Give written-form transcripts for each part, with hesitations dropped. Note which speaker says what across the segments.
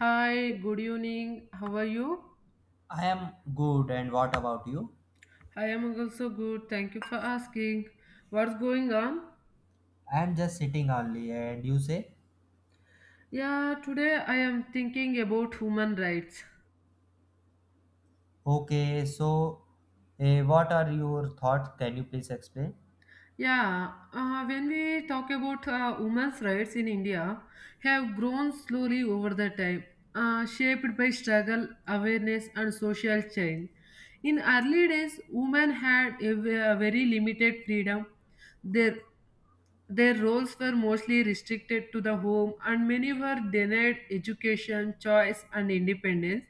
Speaker 1: Hi, good evening. How are you?
Speaker 2: I am good, and what about you?
Speaker 1: I am also good. Thank you for asking. What's going on?
Speaker 2: I am just sitting only, and you say,
Speaker 1: Yeah, today I am thinking about human rights.
Speaker 2: okay, so what are your thoughts? Can you please explain?
Speaker 1: Yeah, when we talk about women's rights in India, have grown slowly over the time, shaped by struggle, awareness, and social change. In early days, women had a very limited freedom. Their Their roles were mostly restricted to the home, and many were denied education, choice, and independence.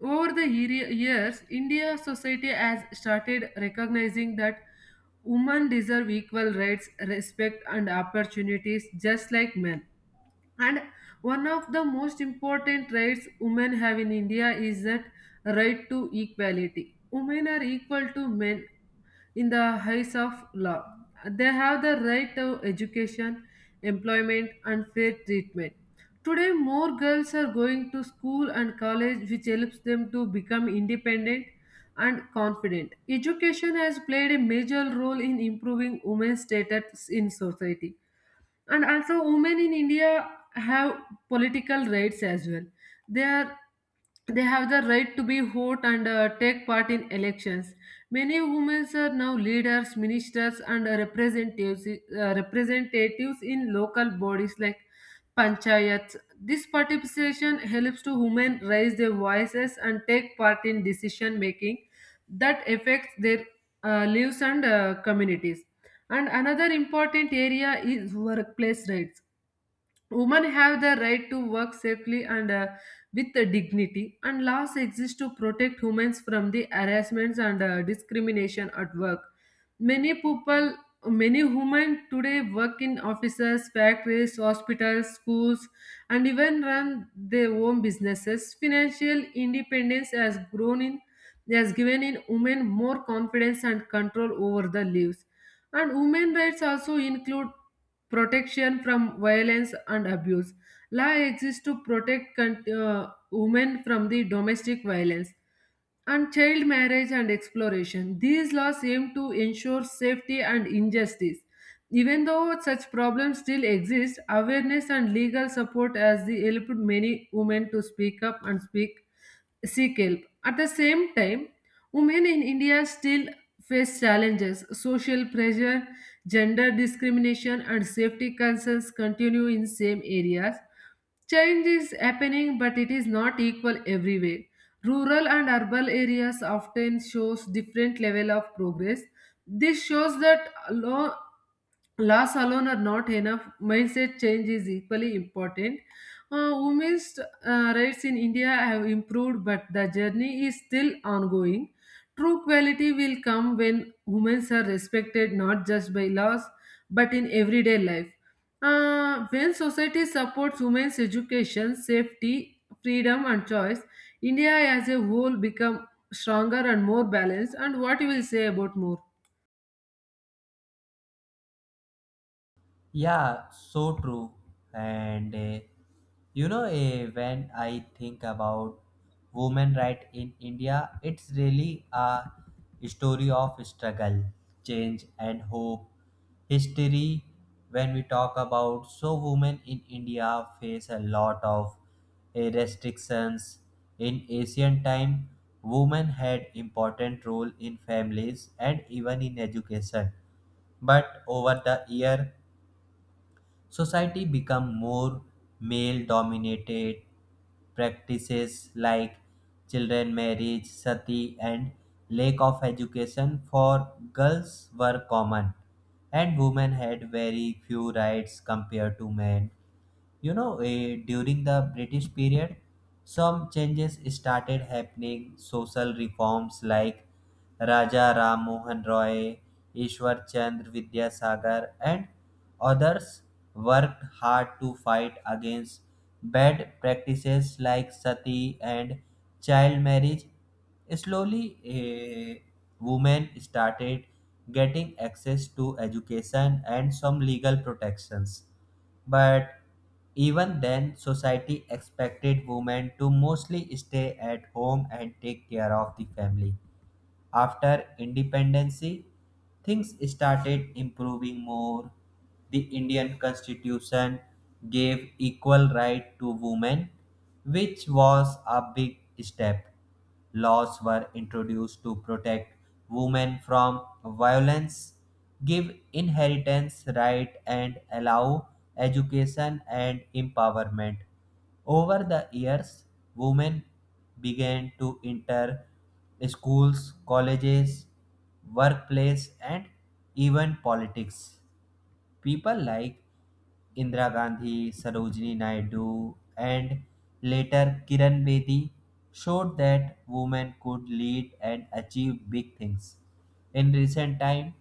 Speaker 1: Over the years, India society has started recognizing that women deserve equal rights, respect, and opportunities just like men. And one of the most important rights women have in India is that right to equality. Women are equal to men in the eyes of law. They have the right to education, employment, and fair treatment. Today, more girls are going to school and college, which helps them to become independent and confident. Education has played a major role in improving women's status in society, and also women in India have political rights as well. They are they have the right to be vote and take part in elections. Many women are now leaders, ministers, and representatives, representatives in local bodies like panchayats. This participation helps to women raise their voices and take part in decision making that affects their lives and communities. And another important area is workplace rights. Women have the right to work safely and with the dignity, and laws exist to protect women from the harassments and discrimination at work. Many people, many women today work in offices, factories, hospitals, schools, and even run their own businesses. Financial independence has grown in, has given in women more confidence and control over the lives. And women rights also include protection from violence and abuse. Law exists to protect women from the domestic violence and child marriage and exploration. These laws aim to ensure safety and injustice. Even though such problems still exist, awareness and legal support has helped many women to speak up and speak seek help. At the same time, women in India still face challenges. Social pressure, gender discrimination, and safety concerns continue in same areas. Change is happening, but it is not equal everywhere. Rural and urban areas often shows different level of progress. This shows that loss alone are not enough. Mindset change is equally important. Women's rights in India have improved, but the journey is still ongoing. True quality will come when women are respected not just by laws but in everyday life. When society supports women's education, safety, freedom, and choice, India as a whole become stronger and more balanced. And what you will say about more?
Speaker 2: Yeah, so true. And uh, when I think about women right in India, it's really a story of struggle, change, and hope. History, when we talk about, so women in India face a lot of restrictions. In ancient time, women had important role in families and even in education but over the year society become more male dominated practices like children marriage sati and lack of education for girls were common and women had very few rights compared to men. You know, during the british period some changes started happening social reforms like raja ram mohan roy ishwar chandra vidyasagar and others worked hard to fight against bad practices like sati and child marriage slowly women started getting access to education and some legal protections but even then, society expected women to mostly stay at home and take care of the family. After independence, things started improving more. The Indian Constitution gave equal right to women, which was a big step. Laws were introduced to protect women from violence, give inheritance right, and allow education and empowerment. Over the years, women began to enter schools, colleges, workplace, and even politics. People like Indira Gandhi, Sarojini Naidu, and later Kiran Bedi showed that women could lead and achieve big things. In recent time,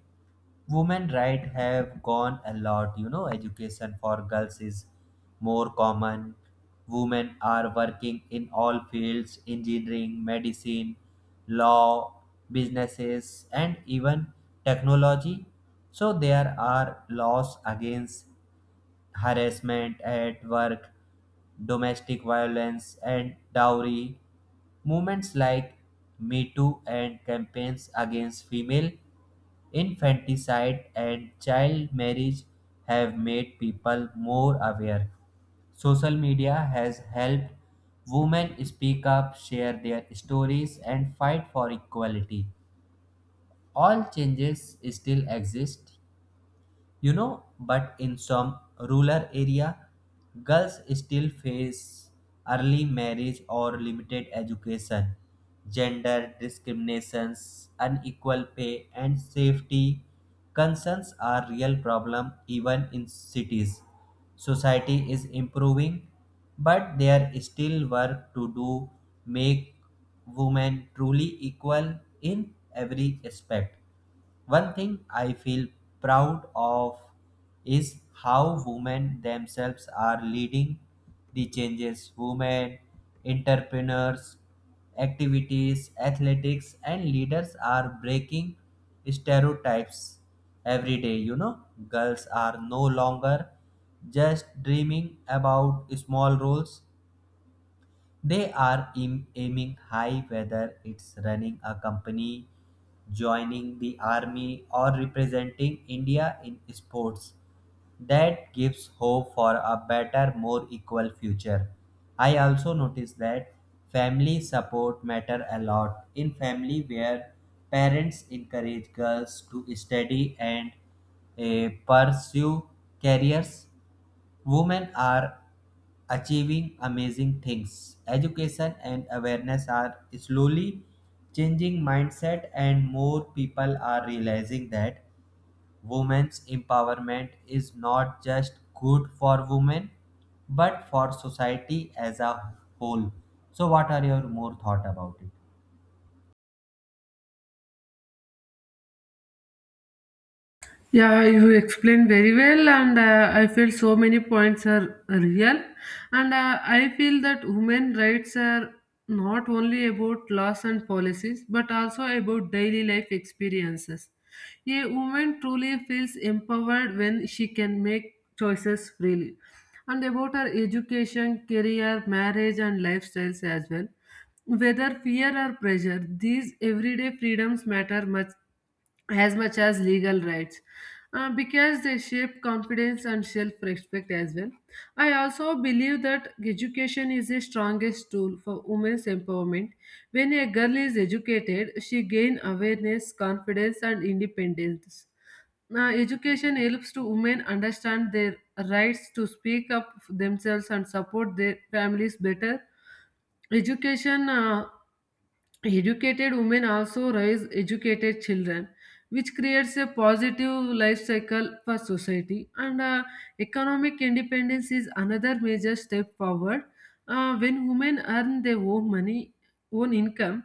Speaker 2: women right have gone a lot. You know, education for girls is more common, women are working in all fields engineering medicine law businesses and even technology. So there are laws against harassment at work, domestic violence, and dowry. Movements like Me Too and campaigns against female infanticide and child marriage have made people more aware. Social media has helped women speak up, share their stories, and fight for equality. All changes still exist, you know, but in some rural area girls still face early marriage or limited education, gender discriminations, unequal pay and safety concerns are real problem even in cities. Society is improving but there is still work to do make women truly equal in every aspect. One thing I feel proud of is how women themselves are leading the changes. Women, entrepreneurs, activities, athletics, and leaders are breaking stereotypes every day. You know, girls are no longer just dreaming about small roles, they are aiming high whether it's running a company, joining the army, or representing India in sports. That gives hope for a better, more equal future. I also noticed that family support matter a lot in family where parents encourage girls to study and pursue careers. Women are achieving amazing things. Education and awareness are slowly changing mindset and more people are realizing that women's empowerment is not just good for women but for society as a whole. So what are your more thought about it?
Speaker 1: Yeah, you explained very well, and I feel so many points are real. And I feel that human rights are not only about laws and policies, but also about daily life experiences. A woman truly feels empowered when she can make choices freely. And about her education, career, marriage, and lifestyles as well. Whether fear or pressure, these everyday freedoms matter much as legal rights, because they shape confidence and self-respect as well. I also believe that education is the strongest tool for women's empowerment. When a girl is educated, she gains awareness, confidence, and independence. Now, education helps to women understand their rights, to speak up for themselves and support their families better. Education Educated women also raise educated children, which creates a positive life cycle for society. And economic independence is another major step forward. When women earn their own money, own income,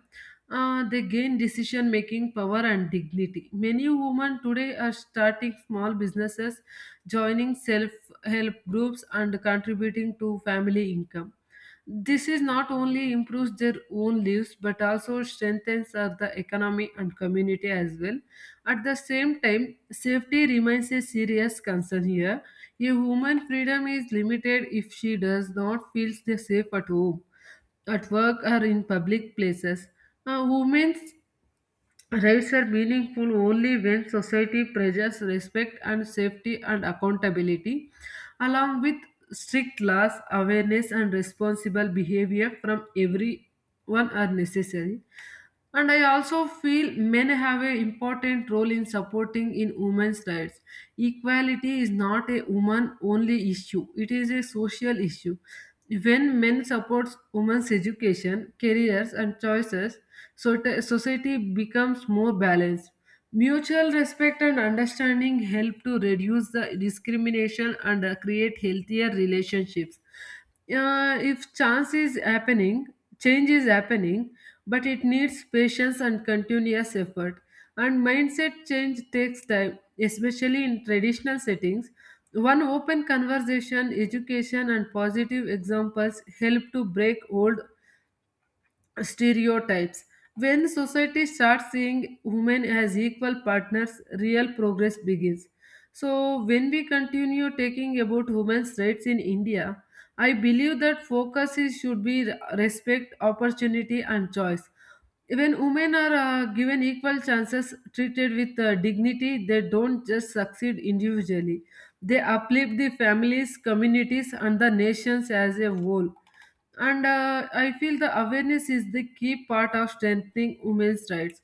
Speaker 1: they gain decision making power and dignity. Many women today are starting small businesses, joining self help groups, and contributing to family income. This is not only improves their own lives but also strengthens the economy and community as well. At the same time, safety remains a serious concern here. A woman's freedom is limited if she does not feel safe at home, at work, or in public places. Women Rights are meaningful only when society pressures respect and safety and accountability, along with strict laws, awareness, and responsible behavior from everyone are necessary. And I also feel men have an important role in supporting in women's rights. Equality is not a woman only issue, it is a social issue. When men support women's education, careers, and choices, so society becomes more balanced. Mutual respect and understanding help to reduce the discrimination and create healthier relationships. If chance is happening, change is happening, but it needs patience and continuous effort. And mindset change takes time, especially in traditional settings. One open conversation, education, and positive examples help to break old stereotypes. When society starts seeing women as equal partners, real progress begins. So, when we continue taking about women's rights in India, I believe that focus is, should be respect, opportunity, and choice. When women are given equal chances, treated with dignity, they don't just succeed individually. They uplift the families, communities, and the nations as a whole. And I feel the awareness is the key part of strengthening women's rights.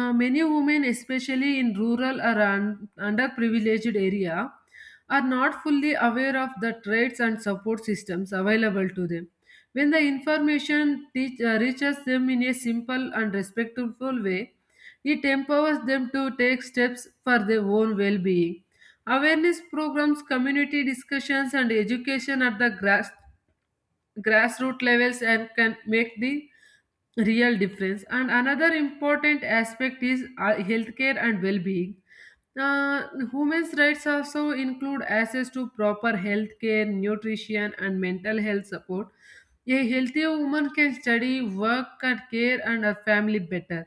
Speaker 1: Many women, especially in rural or underprivileged area, are not fully aware of the trades and support systems available to them. When the information reaches them in a simple and respectful way, it empowers them to take steps for their own well-being. Awareness programs, community discussions, and education at the grassroots levels and can make the real difference. And another important aspect is healthcare and well-being. Women's rights also include access to proper healthcare, nutrition, and mental health support. A healthy woman can study, work, and care and her family better.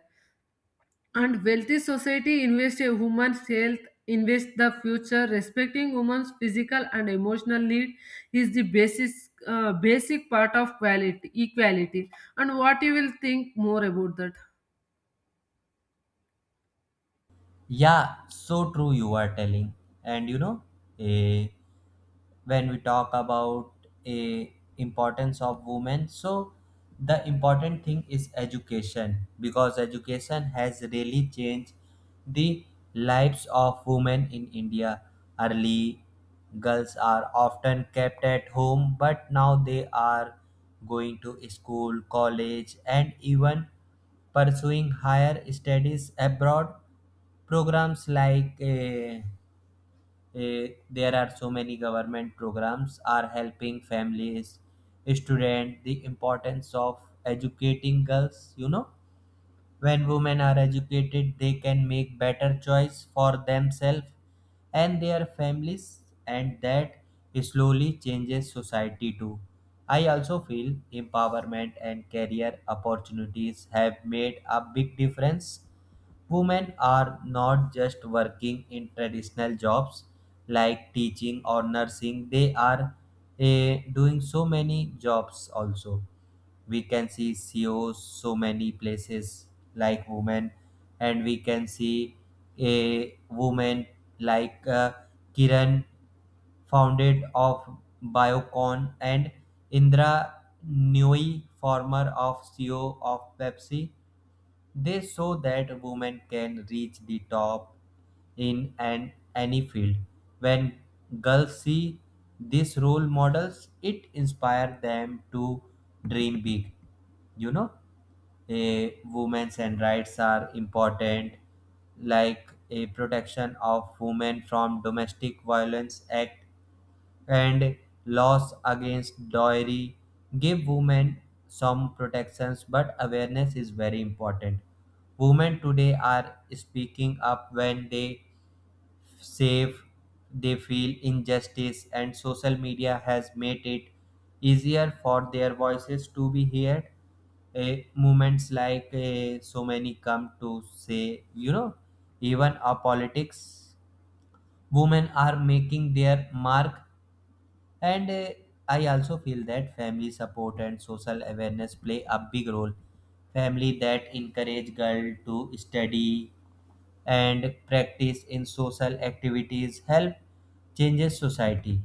Speaker 1: And wealthy society invest in woman's health, invest the future. Respecting woman's physical and emotional need is the basic part of quality, equality. And what you will think more about that?
Speaker 2: Yeah, so true you are telling. And you know, eh, When we talk about a importance of women, so the important thing is education because education has really changed the lives of women in india. Early girls are often kept at home but now they are going to school college and even pursuing higher studies abroad. programs like uh, there are so many government programs are helping families students the importance of educating girls. You know, when women are educated they can make better choice for themselves and their families, and that slowly changes society too. I also feel empowerment and career opportunities have made a big difference. Women are not just working in traditional jobs like teaching or nursing, they are doing so many jobs also. We can see CEOs so many places like women, and we can see a woman like Kiran, founded of Biocon, and Indra Nui, former of CEO of Pepsi. They show that women can reach the top in any field. When girls see these role models, it inspires them to dream big. You know, a women's and rights are important, like a protection of women from domestic violence act and laws against dowry give women some protections, but awareness is very important. Women today are speaking up when they save, they feel injustice, and social media has made it easier for their voices to be heard. A movements like eh, So many come to say, you know, even our politics, women are making their mark. And I also feel that family support and social awareness play a big role. Family that encourage girl to study and practice in social activities help changes society.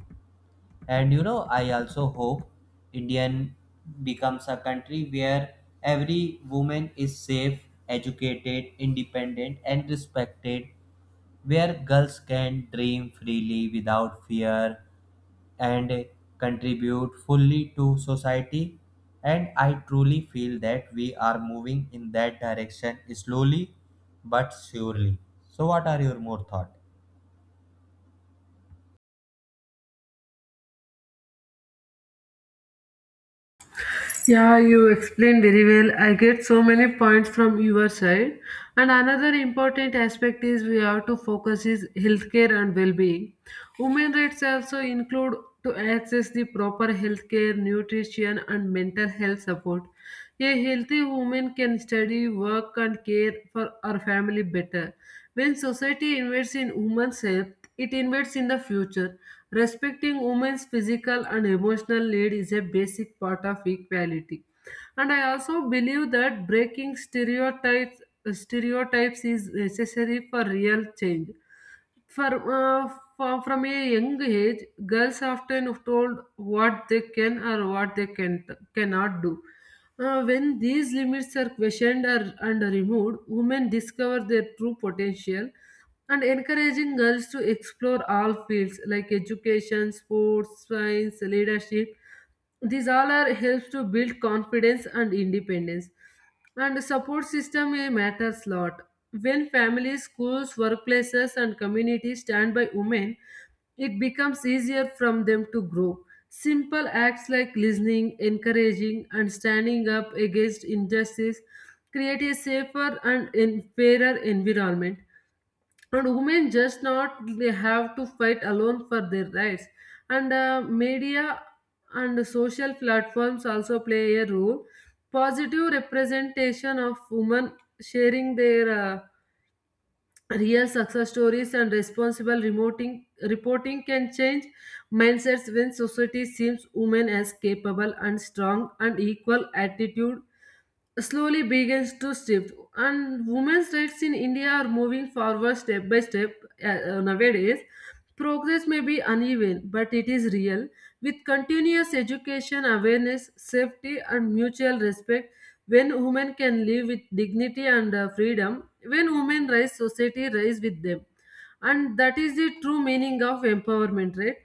Speaker 2: And you know, I also hope Indian becomes a country where every woman is safe, educated, independent and respected, where girls can dream freely without fear and contribute fully to society. And I truly feel that we are moving in that direction slowly but surely. So, what are your more thoughts?
Speaker 1: Yeah, you explained very well. I get so many points from your side. And another important aspect is we have to focus is healthcare and well-being. Women rights also include to access the proper healthcare, nutrition, and mental health support. A healthy woman can study, work, and care for her family better. When society invests in women's health, it invests in the future. Respecting women's physical and emotional need is a basic part of equality. And I also believe that breaking stereotypes is necessary for real change. For from a young age, girls often are told what they can or what they can cannot do. When these limits are and removed, women discover their true potential. And encouraging girls to explore all fields like education, sports, science, leadership. These all are helps to build confidence and independence. And support system, matters lot. When families, schools, workplaces, and communities stand by women, it becomes easier from them to grow. Simple acts like listening, encouraging, and standing up against injustice create a safer and fairer environment. And women just not they have to fight alone for their rights. And media and social platforms also play a role. Positive representation of women, sharing their real success stories, and responsible reporting can change mindsets. When society sees women as capable and strong and equal, attitude slowly begins to shift. And women's rights in India are moving forward step by step. Nowadays progress may be uneven but it is real, with continuous education, awareness, safety, and mutual respect. When women can live with dignity and freedom, when women rise, society rise with them. And that is the true meaning of empowerment, right?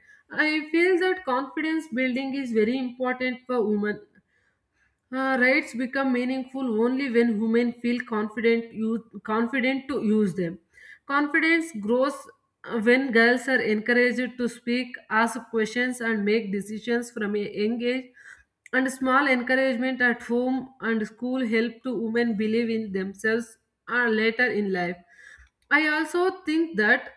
Speaker 1: I feel that confidence building is very important for women. Rights become meaningful only when women feel confident to use them. Confidence grows when girls are encouraged to speak, ask questions, and make decisions from a young age. And small encouragement at home and school help to women believe in themselves later in life. I also think that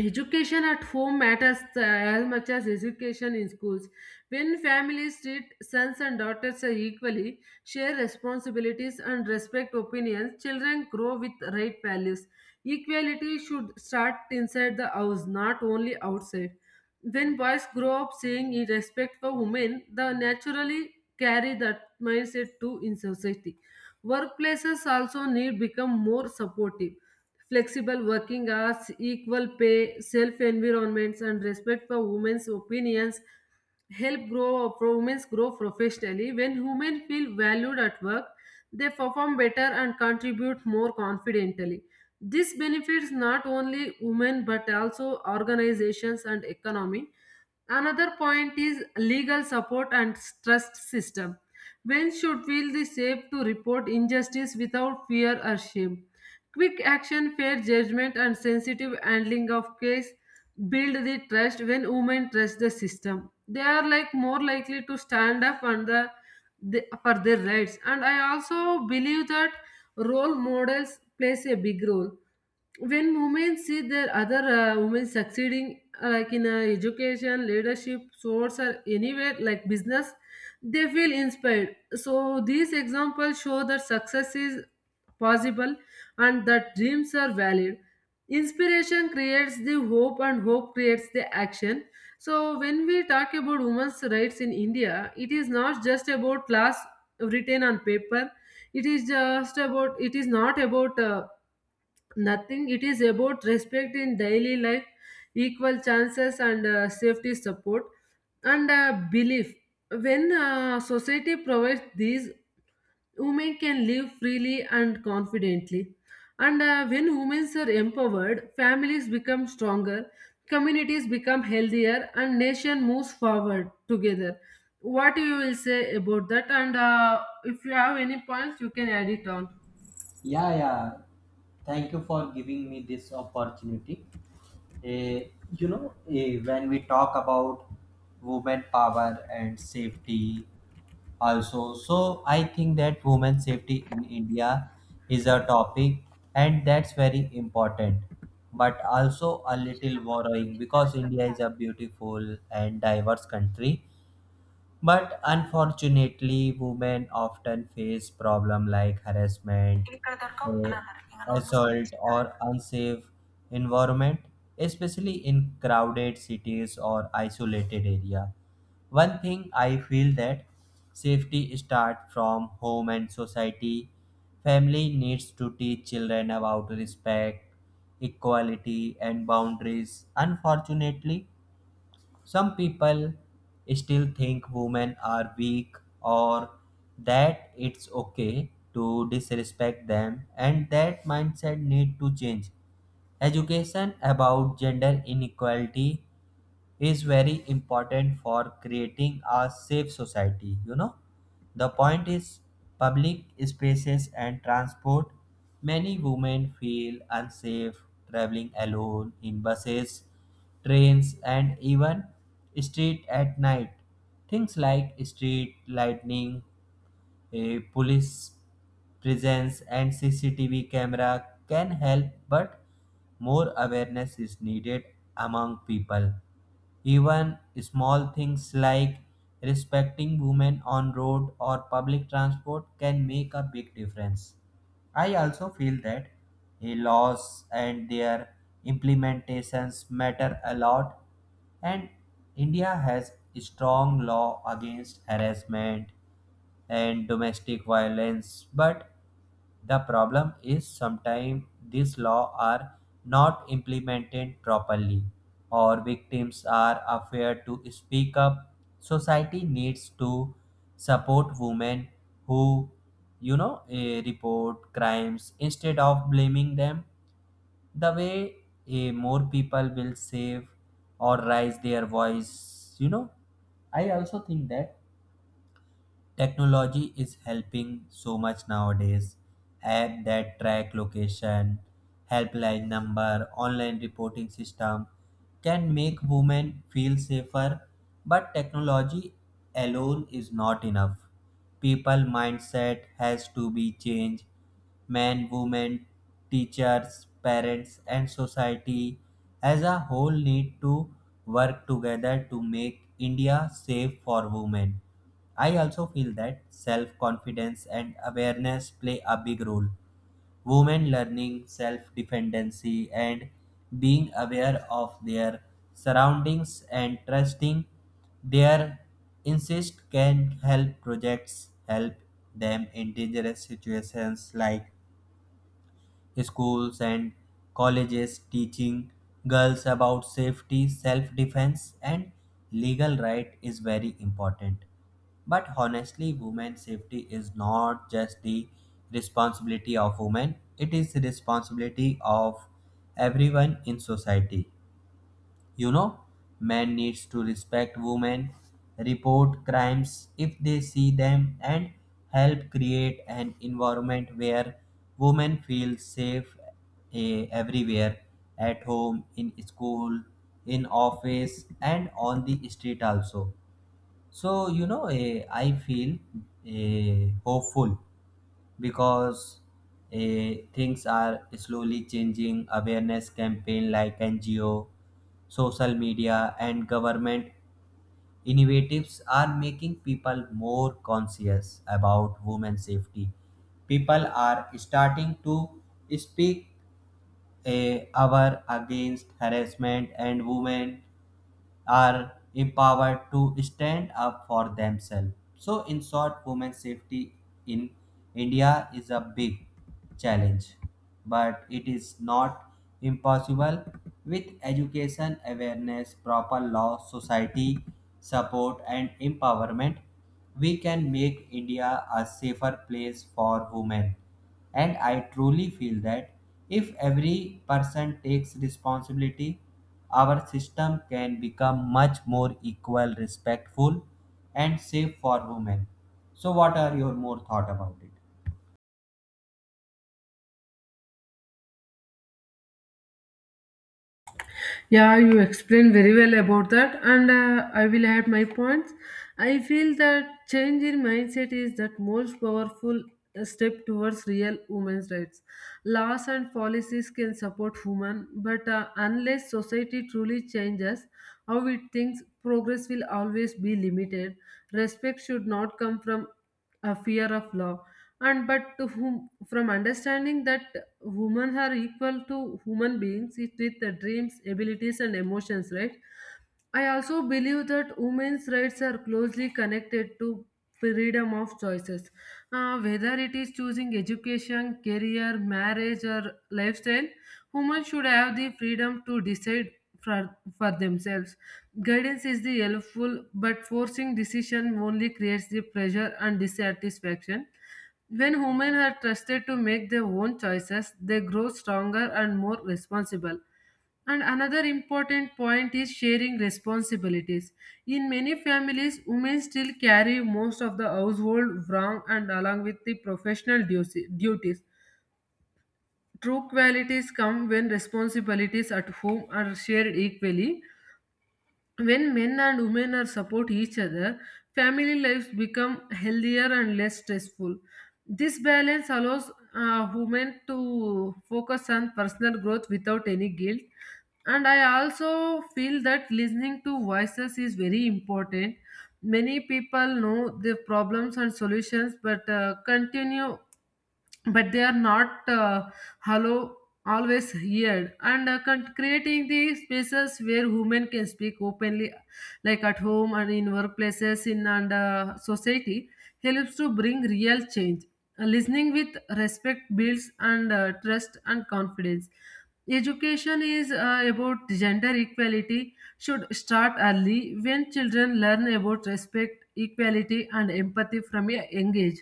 Speaker 1: education at home matters as much as education in schools. When families treat sons and daughters equally, share responsibilities, and respect opinions, children grow with right values. Equality should start inside the house, not only outside. When boys grow up seeing a respect for women, they naturally carry that mindset too in society. Workplaces also need become more supportive. Flexible working hours, equal pay, safe environments, and respect for women's opinions help grow women grow professionally. When women feel valued at work, they perform better and contribute more confidently. This benefits not only women but also organizations and economy. Another point is legal support and trust system. When should feel the safe to report injustice without fear or shame? Quick action, fair judgment, and sensitive handling of case build the trust when women trust the system. They are like more likely to stand up on the for their rights. And I also believe that role models plays a big role when women see their other women succeeding, like in education, leadership, sports, or anywhere like business. They feel inspired, so these examples show that success is possible and that dreams are valid. Inspiration creates the hope, and hope creates the action. So when we talk about women's rights in India, it is not just about laws written on paper. It is just about it is not about nothing it is about respect in daily life, equal chances, and safety, support, and belief. When society provides these, women can live freely and confidently. And when women are empowered, families become stronger, communities become healthier, and nation moves forward together. What you will say about that, and if you have any points, you can add it on.
Speaker 2: Yeah, yeah. Thank you for giving me this opportunity. Eh, when we talk about women power and safety, also, so I think that women safety in India is a topic, and that's very important, but also a little worrying because India is a beautiful and diverse country but unfortunately, women often face problems like harassment, eh, assault, or unsafe environment, especially in crowded cities or isolated area. One thing I feel that safety starts from home and society. Family needs to teach children about respect, equality, and boundaries. Unfortunately, some people still think women are weak or that it's okay to disrespect them and that mindset need to change. Education about gender inequality is very important for creating a safe society. You know, the point is public spaces and transport, many women feel unsafe traveling alone in buses trains and even street at night. Things like street lightning, a police presence and CCTV camera can help, but more awareness is needed among people. Even small things like respecting women on road or public transport can make a big difference. I also feel that laws and their implementations matter a lot, and India has a strong law against harassment and domestic violence but the problem is sometimes these laws are not implemented properly or victims are afraid to speak up. Society needs to support women who, report crimes instead of blaming them. The way More people will save or raise their voice, you know. I also think that technology is helping so much nowadays. App that track location, helpline number, online reporting system can make women feel safer, but technology alone is not enough. People mindset has to be changed. Men, women, teachers, parents, and society as a whole need to work together to make India safe for women. I also feel that self confidence and awareness play a big role. Women learning self dependency and being aware of their surroundings and trusting their insist can help projects help them in dangerous situations like schools and colleges teaching girls about safety, self defense, and legal right is very important. But honestly, women's safety is not just the responsibility of women, it is the responsibility of everyone in society. You know, Men needs to respect women, report crimes if they see them and help create an environment where women feel safe everywhere, at home, in school, in office and on the street also. So, I feel hopeful because things are slowly changing. Awareness campaign like NGO, social media, and government innovatives are making people more conscious about women's safety. People are starting to speak our against harassment and women are empowered to stand up for themselves. So, in short, women's safety in India is a big challenge, but it is not impossible. With education, awareness, proper law, society support, and empowerment, we can make India a safer place for women. And I truly feel that if every person takes responsibility our system can become much more equal, respectful, and safe for women. So, what are your more thought about it?
Speaker 1: Yeah, you explained very well about that, and I will add my points. I feel that change in mindset is that most powerful step towards real women's rights. Laws and policies can support women, but unless society truly changes, how it thinks, progress will always be limited. Respect should not come from a fear of law and but to whom from understanding that women are equal to human beings, it with the dreams, abilities, and emotions, right? I also believe that women's rights are closely connected to freedom of choices. Whether it is choosing education, career, marriage, or lifestyle, women should have the freedom to decide for themselves. Guidance is the helpful, but forcing decision only creates the pressure and dissatisfaction. When women are trusted to make their own choices, they grow stronger and more responsible. And another important point is sharing responsibilities. In many families, women still carry most of the household wrong and along with the professional duties. True qualities come when responsibilities at home are shared equally. When men and women are support each other, family lives become healthier and less stressful. This balance allows women to focus on personal growth without any guilt. And I also feel that listening to voices is very important. Many people know the problems and solutions, but but they are not hollow, always heard, and creating the spaces where women can speak openly, like at home and in workplaces, in and society, helps to bring real change. Listening with respect builds and trust and confidence. Education is about gender equality should start early when children learn about respect, equality, and empathy from a young age.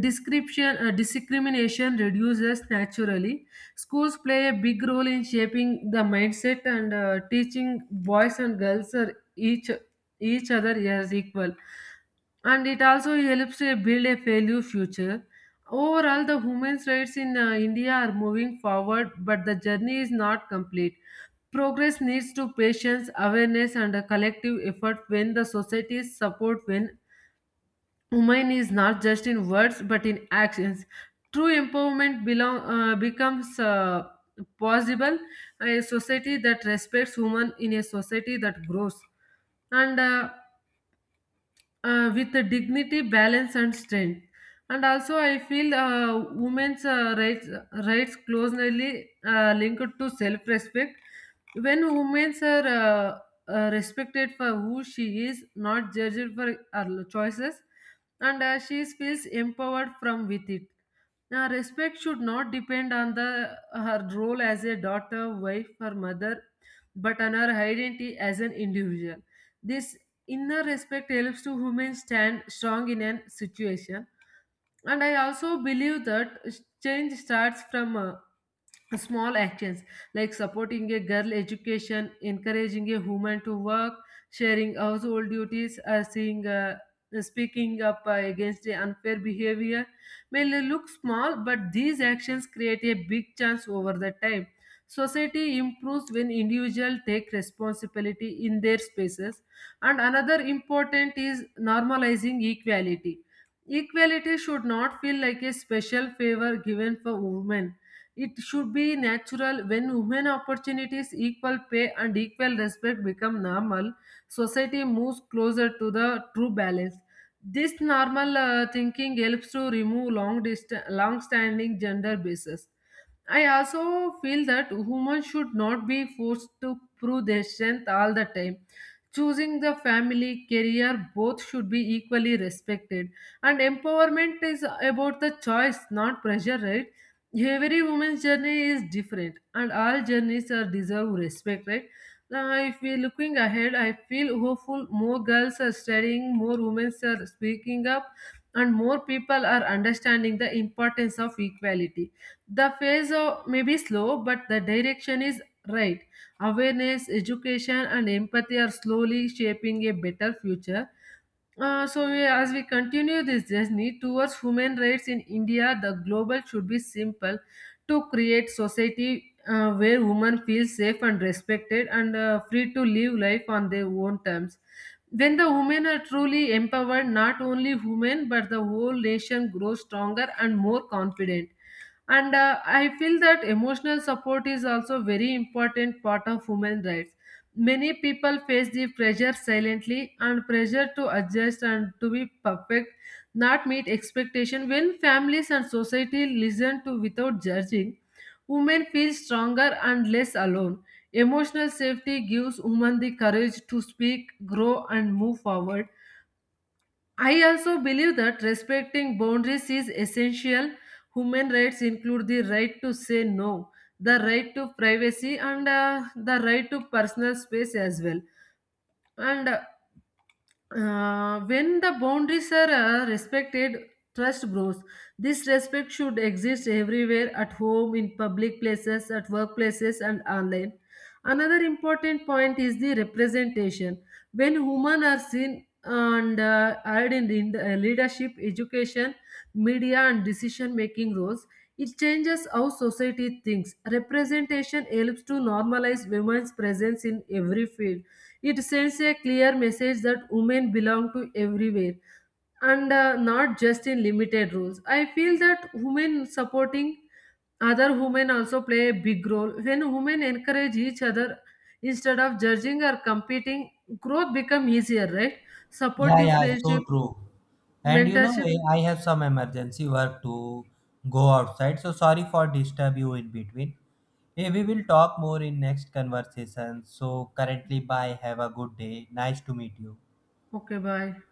Speaker 1: Discrimination reduces naturally. Schools play a big role in shaping the mindset and teaching boys and girls are each other as equal, and it also helps to build a value future. Overall, the women's rights in India are moving forward, but the journey is not complete. Progress needs to patience, awareness, and a collective effort when the society's support when women is not just in words but in actions. True empowerment becomes possible, a society that respects women in a society that grows. And With the dignity, balance, and strength. And also, I feel women's rights closely linked to self-respect. When women are respected for who she is, not judged for her choices, and she feels empowered from with it. Now, respect should not depend on the her role as a daughter, wife, or mother, but on her identity as an individual. This inner respect helps to women stand strong in a situation. And I also believe that change starts from small actions, like supporting a girl education, encouraging a woman to work, sharing household duties, seeing speaking up against the unfair behavior. May look small, but these actions create a big chance over the time. Society improves when individuals take responsibility in their spaces. And another important is normalizing equality. Equality should not feel like a special favor given for women. It should be natural. When women opportunities, equal pay, and equal respect become normal, society moves closer to the true balance. This normal thinking helps to remove long standing gender bases. I also feel that women should not be forced to prove their strength all the time. Choosing the family career, both should be equally respected. And empowerment is about the choice, not pressure, right? Every woman's journey is different, and all journeys are deserve respect, right? Now if we're looking ahead, I feel hopeful. More girls are studying, more women are speaking up, and more people are understanding the importance of equality. The phase may be slow, but the direction is right. Awareness, education, and empathy are slowly shaping a better future. As we continue this journey towards human rights in India, the global should be simple to create society where women feel safe and respected and free to live life on their own terms. When the women are truly empowered, not only women but the whole nation grows stronger and more confident. And I feel that emotional support is also very important part of human rights. Many people face the pressure silently, and pressure to adjust and to be perfect, not meet expectation. When families and society listen to without judging, women feel stronger and less alone. Emotional safety gives women the courage to speak, grow, and move forward. I also believe that respecting boundaries is essential. Human rights include the right to say no, the right to privacy, and the right to personal space as well. And When the boundaries are respected, trust grows. This respect should exist everywhere, at home, in public places, at workplaces, and online. Another important point is the representation. When women are seen and hired in the, leadership, education, media, and decision making roles, it changes how society thinks. Representation helps to normalize women's presence in every field. It sends a clear message that women belong to everywhere, and not just in limited roles. I feel that women supporting other women also play a big role. When women encourage each other instead of judging or competing, growth become easier, right?
Speaker 2: Yeah,
Speaker 1: Supportive
Speaker 2: yeah, so
Speaker 1: friendships,
Speaker 2: true. And you know,
Speaker 1: mentorships.
Speaker 2: eh, I have some emergency work to go outside. So sorry for disturb you in between. We will talk more in next conversation. So currently, bye. Have a good day. Nice to meet you.
Speaker 1: Okay, bye.